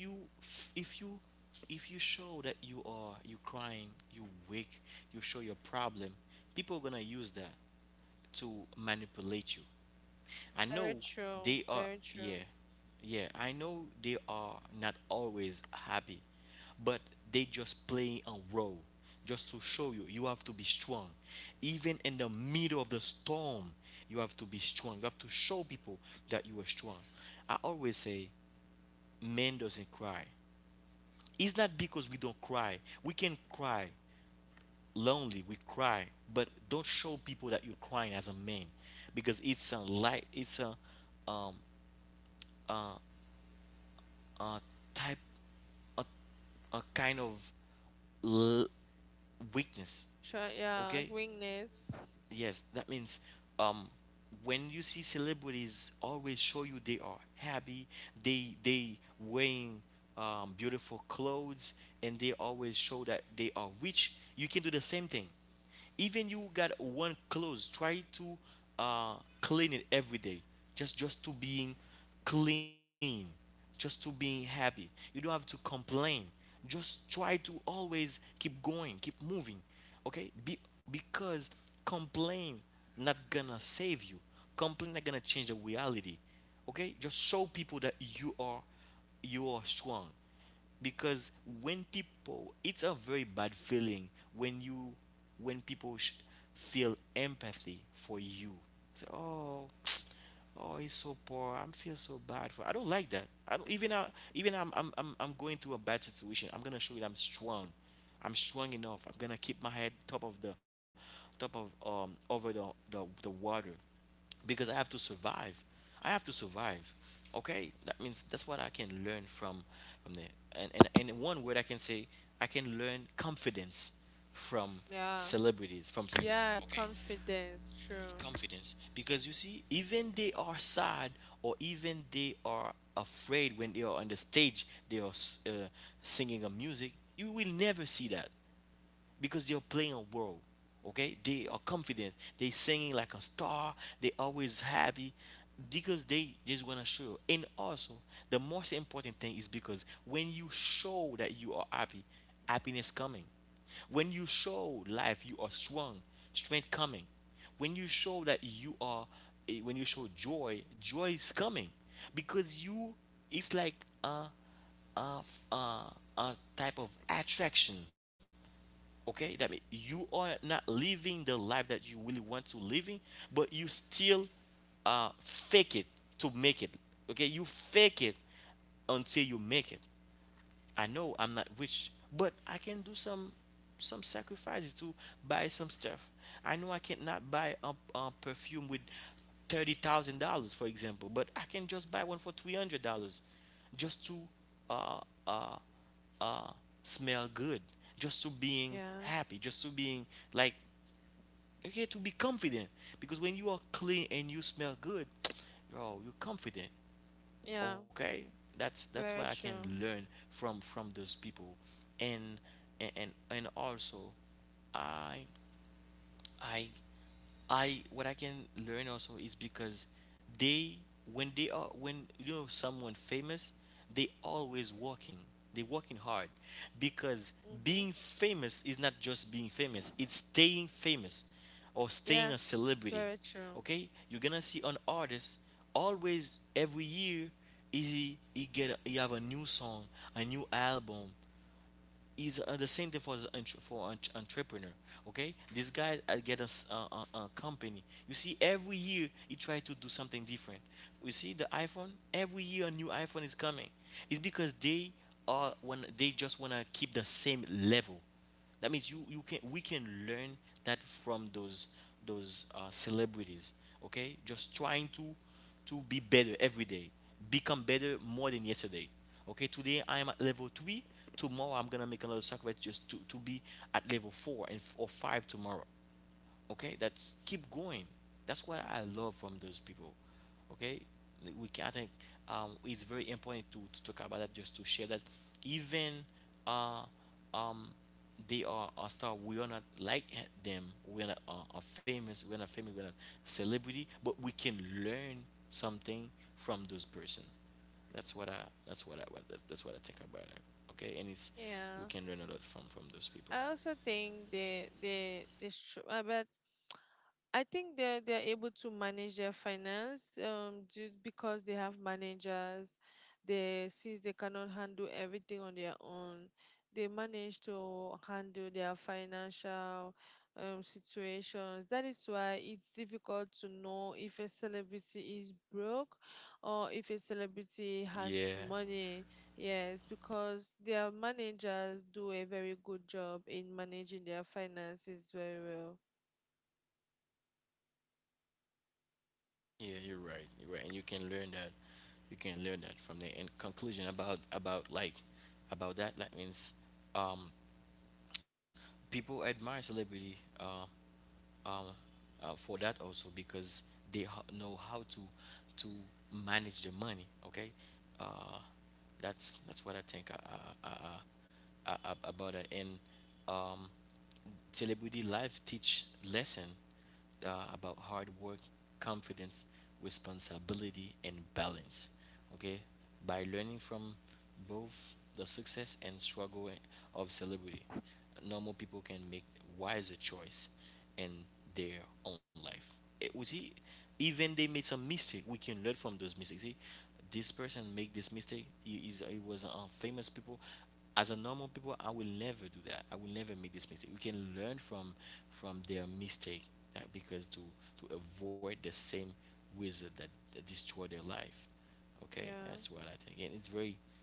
Speaker 1: if you if you show that you crying, you weak, you show your problem, people are gonna use that to manipulate you. I know
Speaker 2: very true,
Speaker 1: they are.
Speaker 2: very
Speaker 1: Yeah,
Speaker 2: true.
Speaker 1: yeah, I know they are not always happy, but they just play a role, just to show you, you have to be strong, even in the middle of the storm. You have to be strong, you have to show people that you are strong. I always say, man doesn't cry. It's not because we don't cry. We can cry lonely, we cry, but don't show people that you're crying as a man, because it's a light, it's um a type, a, a kind of l- weakness.
Speaker 2: Very true. Yeah,
Speaker 1: Okay?
Speaker 2: willingness.
Speaker 1: Yes, that means um when you see celebrities always show you they are happy, they wearing beautiful clothes, and they always show that they are rich, you can do the same thing. Even you got one clothes, try to clean it every day. Just to being clean, just to being happy. You don't have to complain. Just try to always keep going, keep moving, okay. Because complain not gonna save you, complain not gonna change the reality. Okay, just show people that you are strong, because when people, it's a very bad feeling when you when people feel empathy for you, say, oh oh, he's so poor, I'm feel so bad for, I don't like that, I don't even, even I'm going through a bad situation, I'm gonna show it, I'm strong, I'm strong enough, I'm gonna keep my head top of the, top of, over the water, because I have to survive, I have to survive. Okay, that means that's what I can learn from there. And in one word I can say, I can learn confidence from
Speaker 2: Yeah,
Speaker 1: celebrities, from famous,
Speaker 2: yeah,
Speaker 1: okay,
Speaker 2: confidence. True.
Speaker 1: confidence, because you see even they are sad or even they are afraid, when they are on the stage, they are uh, singing a music, you will never see that, because they are playing a role. Okay, they are confident. They singing like a star. They always happy because they just wanna show you. And also, the most important thing is because when you show that you are happy, happiness coming. When you show life you are strong, strength coming. When you show that you are, when you show joy, joy is coming because you. It's like uh, a, a, a type of attraction, okay? That means you are not living the life that you really want to live in, but you still fake it to make it. Okay, you fake it until you make it. I know I'm not rich, but I can do some sacrifices to buy some stuff. I know I cannot buy a perfume with $30,000, for example, but I can just buy one for $300 just to uh uh uh, smell good, just to being
Speaker 2: Yeah,
Speaker 1: happy, just to being like, okay, to be confident. Because when you are clean and you smell good, yo, you're confident.
Speaker 2: yeah,
Speaker 1: Okay, that's what I
Speaker 2: very
Speaker 1: can
Speaker 2: true.
Speaker 1: learn from those people. And also, I I I, what I can learn also is because they, when they are when you know someone famous, they always working. They working hard because being
Speaker 2: Mm-hmm.
Speaker 1: famous is not just being famous. It's staying famous or
Speaker 2: Yeah,
Speaker 1: staying a celebrity.
Speaker 2: very true.
Speaker 1: Okay? You're gonna see an artist always every year he have a new song, a new album, is the same thing for the entre- for an entrepreneur. Okay, this guy get a, s- a company. You see, every year he try to do something different. You see, the iPhone, every year a new iPhone is coming. It's because they are when they just wanna keep the same level. That means you you can we can learn that from those celebrities. Okay, just trying to be better every day, become better more than yesterday. Okay, today I'm at level three. Tomorrow I'm gonna make another sacrifice just to be at level four and or five tomorrow. Okay, that's keep going. That's what I love from those people. Okay, like, we can, I think it's very important to talk about that, just to share that. Even uh, um, they are a star, we are not like them. We're not famous, we're not celebrity, but we can learn something from those person. That's what I that's what I that's what I think about it. Okay, and it's, we
Speaker 2: Yeah.
Speaker 1: can learn a lot from those people,
Speaker 2: I also think but I think they they're able to manage their finance due because they have managers. They, since they cannot handle everything on their own, they manage to handle their financial situations. That is why it's difficult to know if a celebrity is broke or if a celebrity
Speaker 1: yeah.
Speaker 2: has money. Yes, because their managers do a very good job in managing their finances very well.
Speaker 1: Yeah, you're right. You're right, and you can learn that. You can learn that from there. And conclusion about like about that. That means um, people admire celebrity. Um, for that also because they know how to to manage the money. Okay, uh, that's what I think about it. And um, celebrity life teach lesson about hard work, confidence, responsibility, and balance. Okay, by learning from both the success and struggle of celebrity, normal people can make wiser choice in their own life. It, we see, even they made some mistake, we can learn from those mistakes. See, this person make this mistake. He was a famous people. As a normal people, I will never do that. I will never make this mistake. We can learn from their mistake because to avoid the same wizard that destroy their life. Okay,
Speaker 2: Yeah.
Speaker 1: that's what I think, and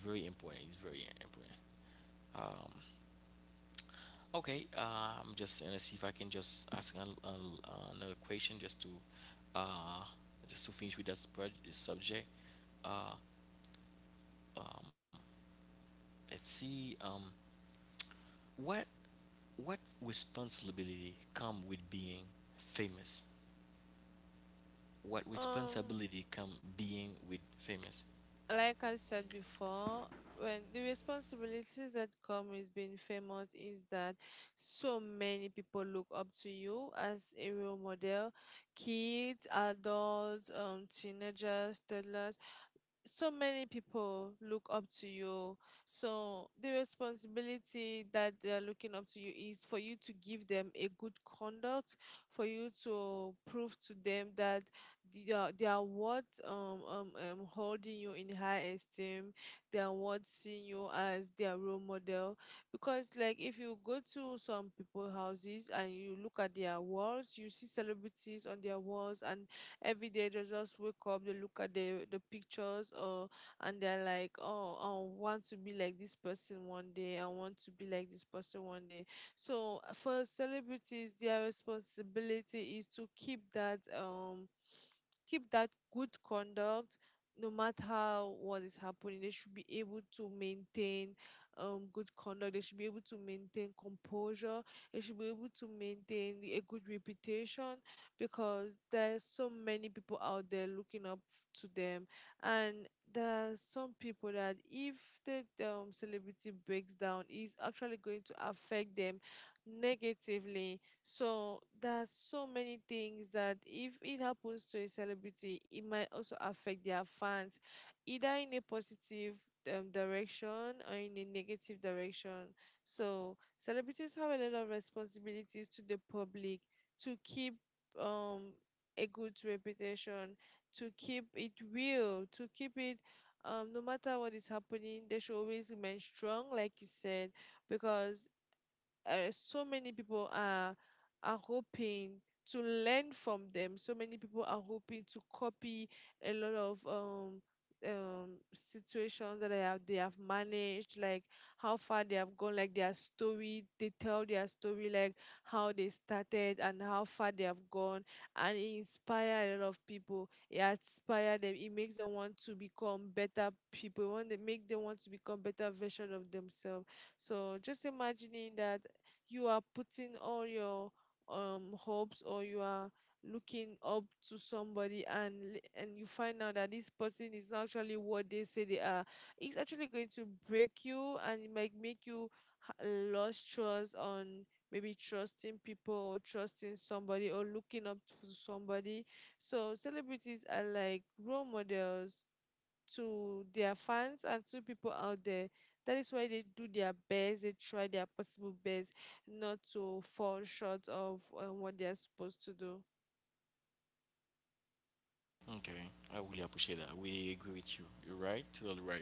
Speaker 1: it's very important. It's very important. Okay, I'm just gonna see if I can just ask another question uh, just to finish with this, this subject. Uh, let's see, what responsibility come with being famous? What
Speaker 2: Um,
Speaker 1: responsibility come being with famous?
Speaker 2: like I said before, when the responsibilities that come with being famous is that so many people look up to you as a role model, kids, adults, teenagers, toddlers, so many people look up to you. So the responsibility that they are looking up to you is for you to give them a good conduct, for you to prove to them that they are what holding you in high esteem, they are what seeing you as their role model. Because like, if you go to some people houses and you look at their walls, you see celebrities on their walls, and every day they just wake up, they look at the pictures or, and they're like, oh, I want to be like this person one day, I want to be like this person one day. So for celebrities, their responsibility is to keep that good conduct. No matter what is happening, they should be able to maintain good conduct, they should be able to maintain composure, they should be able to maintain a good reputation, because there's so many people out there looking up to them. And there are some people that if the celebrity breaks down, is actually going to affect them negatively. So there are so many things that if it happens to a celebrity, it might also affect their fans, either in a positive direction or in a negative direction. So celebrities have a lot of responsibilities to the public, to keep um a good reputation, to keep it real, to keep it no matter what is happening, they should always remain strong, like you said, because so many people are hoping to learn from them. So many people are hoping to copy a lot of situations that they have managed, like how far they have gone, like their story. They tell their story, like how they started and how far they have gone, and it inspire a lot of people. It inspire them. It makes them want to become better people. It want they make them want to become better version of themselves. So just imagining that you are putting all your hopes or you are looking up to somebody, and you find out that this person is not actually what they say they are, it's actually going to break you, and it might make you lose trust on maybe trusting people or trusting somebody or looking up to somebody. So celebrities are like role models to their fans and to people out there. That is why they do their best. They try their possible best not to fall short of what they are supposed to do.
Speaker 1: Okay, I really appreciate that. I really agree with you. You're right, totally right.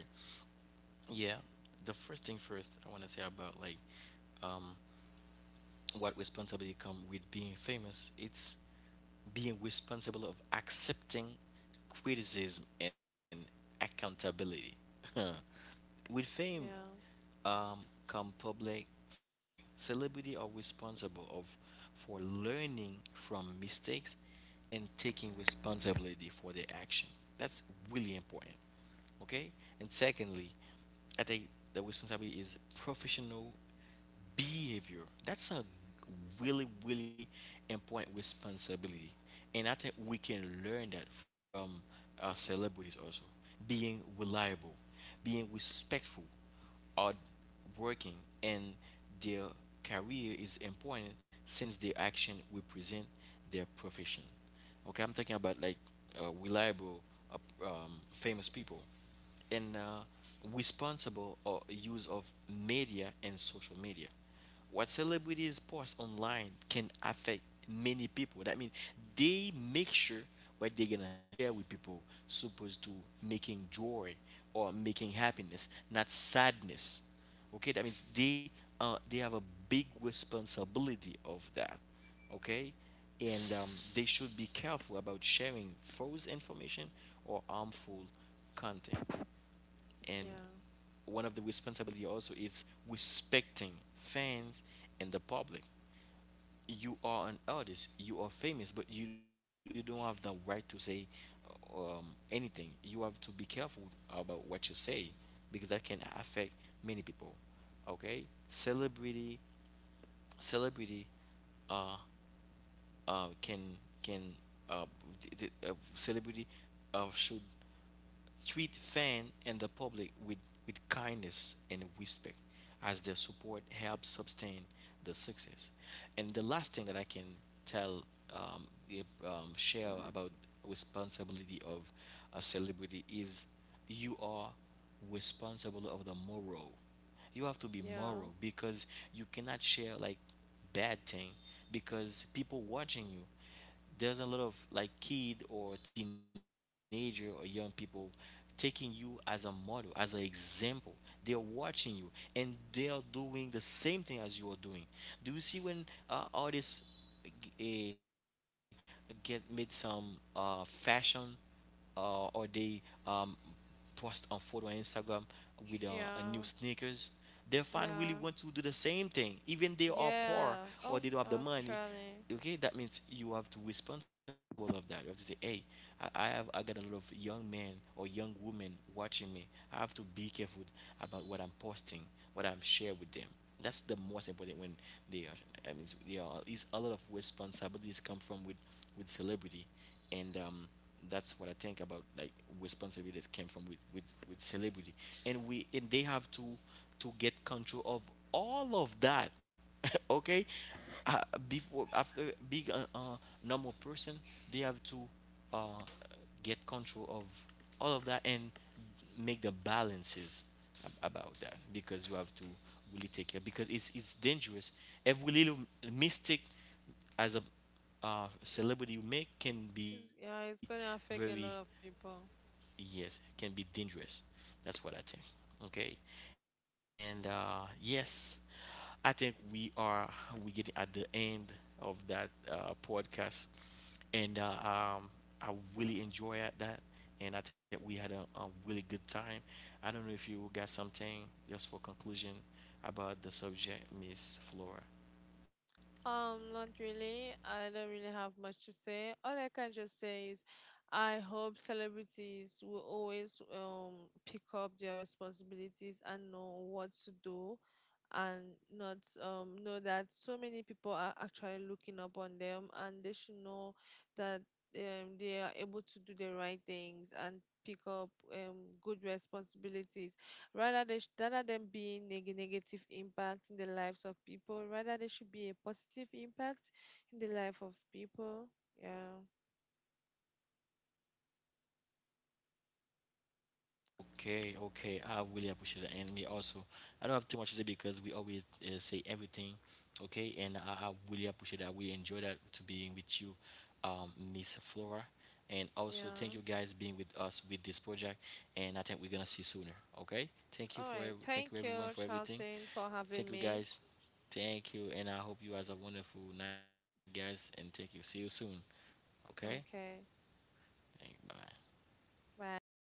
Speaker 1: Yeah, the first thing first, I want to say about like um, what responsibility come with being famous. It's being responsible of accepting criticism and accountability with fame.
Speaker 2: Yeah,
Speaker 1: um, Come public feedback, celebrity are responsible of, for learning from mistakes and taking responsibility for their action. That's really important. Okay, and secondly, I think the responsibility is professional behavior. That's a really important responsibility. And I think we can learn that from celebrities also, being reliable, being respectful, hard working. And their career is important since their action represent their profession. Okay, I'm talking about like reliable, famous people. And responsible use of media and social media. What celebrities post online can affect many people. That means they make sure what they're gonna share with people, supposed to making joy or making happiness, not sadness. Okay, that means they have a big responsibility of that. Okay, and they should be careful about sharing false information or harmful content. And
Speaker 2: yeah,
Speaker 1: one of the responsibility also is respecting fans and the public. You are an artist, you are famous, but you don't have the right to say um, anything. You have to be careful about what you say because that can affect many people. Okay, celebrity celebrity uh, uh, can can uh, d- d- celebrity should treat fan and the public with kindness and respect, as their support helps sustain the success. And the last thing that I can tell, if, share about responsibility of a celebrity is you are responsible of the moral. You have to be
Speaker 2: yeah,
Speaker 1: moral because you cannot share like bad thing, because people watching you. There's a lot of like kid or teenager or young people taking you as a model, as an example. They are watching you and they are doing the same thing as you are doing. Do you see when artists uh, get made some fashion, or they um, post a photo on Instagram with a new
Speaker 2: yeah,
Speaker 1: sneakers? Their fan really want
Speaker 2: yeah,
Speaker 1: to do the same thing, even they are poor
Speaker 2: yeah.
Speaker 1: or they
Speaker 2: Oh,
Speaker 1: don't have the money.
Speaker 2: actually,
Speaker 1: Okay, that means you have to be responsible of that. You have to say, hey, I have, I got a lot of young men or young women watching me. I have to be careful about what I'm posting, what I'm share with them. That's the most important when they are. I mean, there are is a lot of responsibilities come from with celebrity. And that's what I think about like responsibility that came from with celebrity. And we and they have to get control of all of that. Okay? Uh, Before, after being a normal person, they have to uh, get control of all of that and make the balances about that, because you have to really take care, because it's dangerous. Every little mistake as a celebrity you make can
Speaker 2: it's,
Speaker 1: be
Speaker 2: yeah, it's gonna
Speaker 1: very,
Speaker 2: affect a lot of people.
Speaker 1: yes, can be dangerous. That's what I think. Okay, and yes, I think we get at the end of that podcast. And I really enjoy at that, and I think we had a really good time. I don't know if you got something just for conclusion about the subject, Miss Flora.
Speaker 2: Not really. I don't really have much to say. All I can just say is I hope celebrities will always pick up their responsibilities and know what to do, and not know that so many people are actually looking up on them, and they should know that they are able to do the right things and pick up good responsibilities, rather rather than being negative impact in the lives of people, rather they should be a positive impact in the life of people. Yeah.
Speaker 1: Okay, okay. I really appreciate it. And me also, I don't have too much to say because we always say everything. Okay, and I really appreciate that. I really enjoy that to being with you, um, Miss Flora. And also, thank you guys
Speaker 2: Yeah.
Speaker 1: being with us with this project. And I think we're gonna see sooner. Okay, thank you for
Speaker 2: All right,
Speaker 1: thank you
Speaker 2: thank
Speaker 1: everyone
Speaker 2: you,
Speaker 1: for everything.
Speaker 2: Charlton, for
Speaker 1: Thank you
Speaker 2: having me.
Speaker 1: guys. Thank you, and I hope you guys have a wonderful night, guys. And thank you. See you soon. Okay.
Speaker 2: Okay.
Speaker 1: Thank, bye.
Speaker 2: Bye.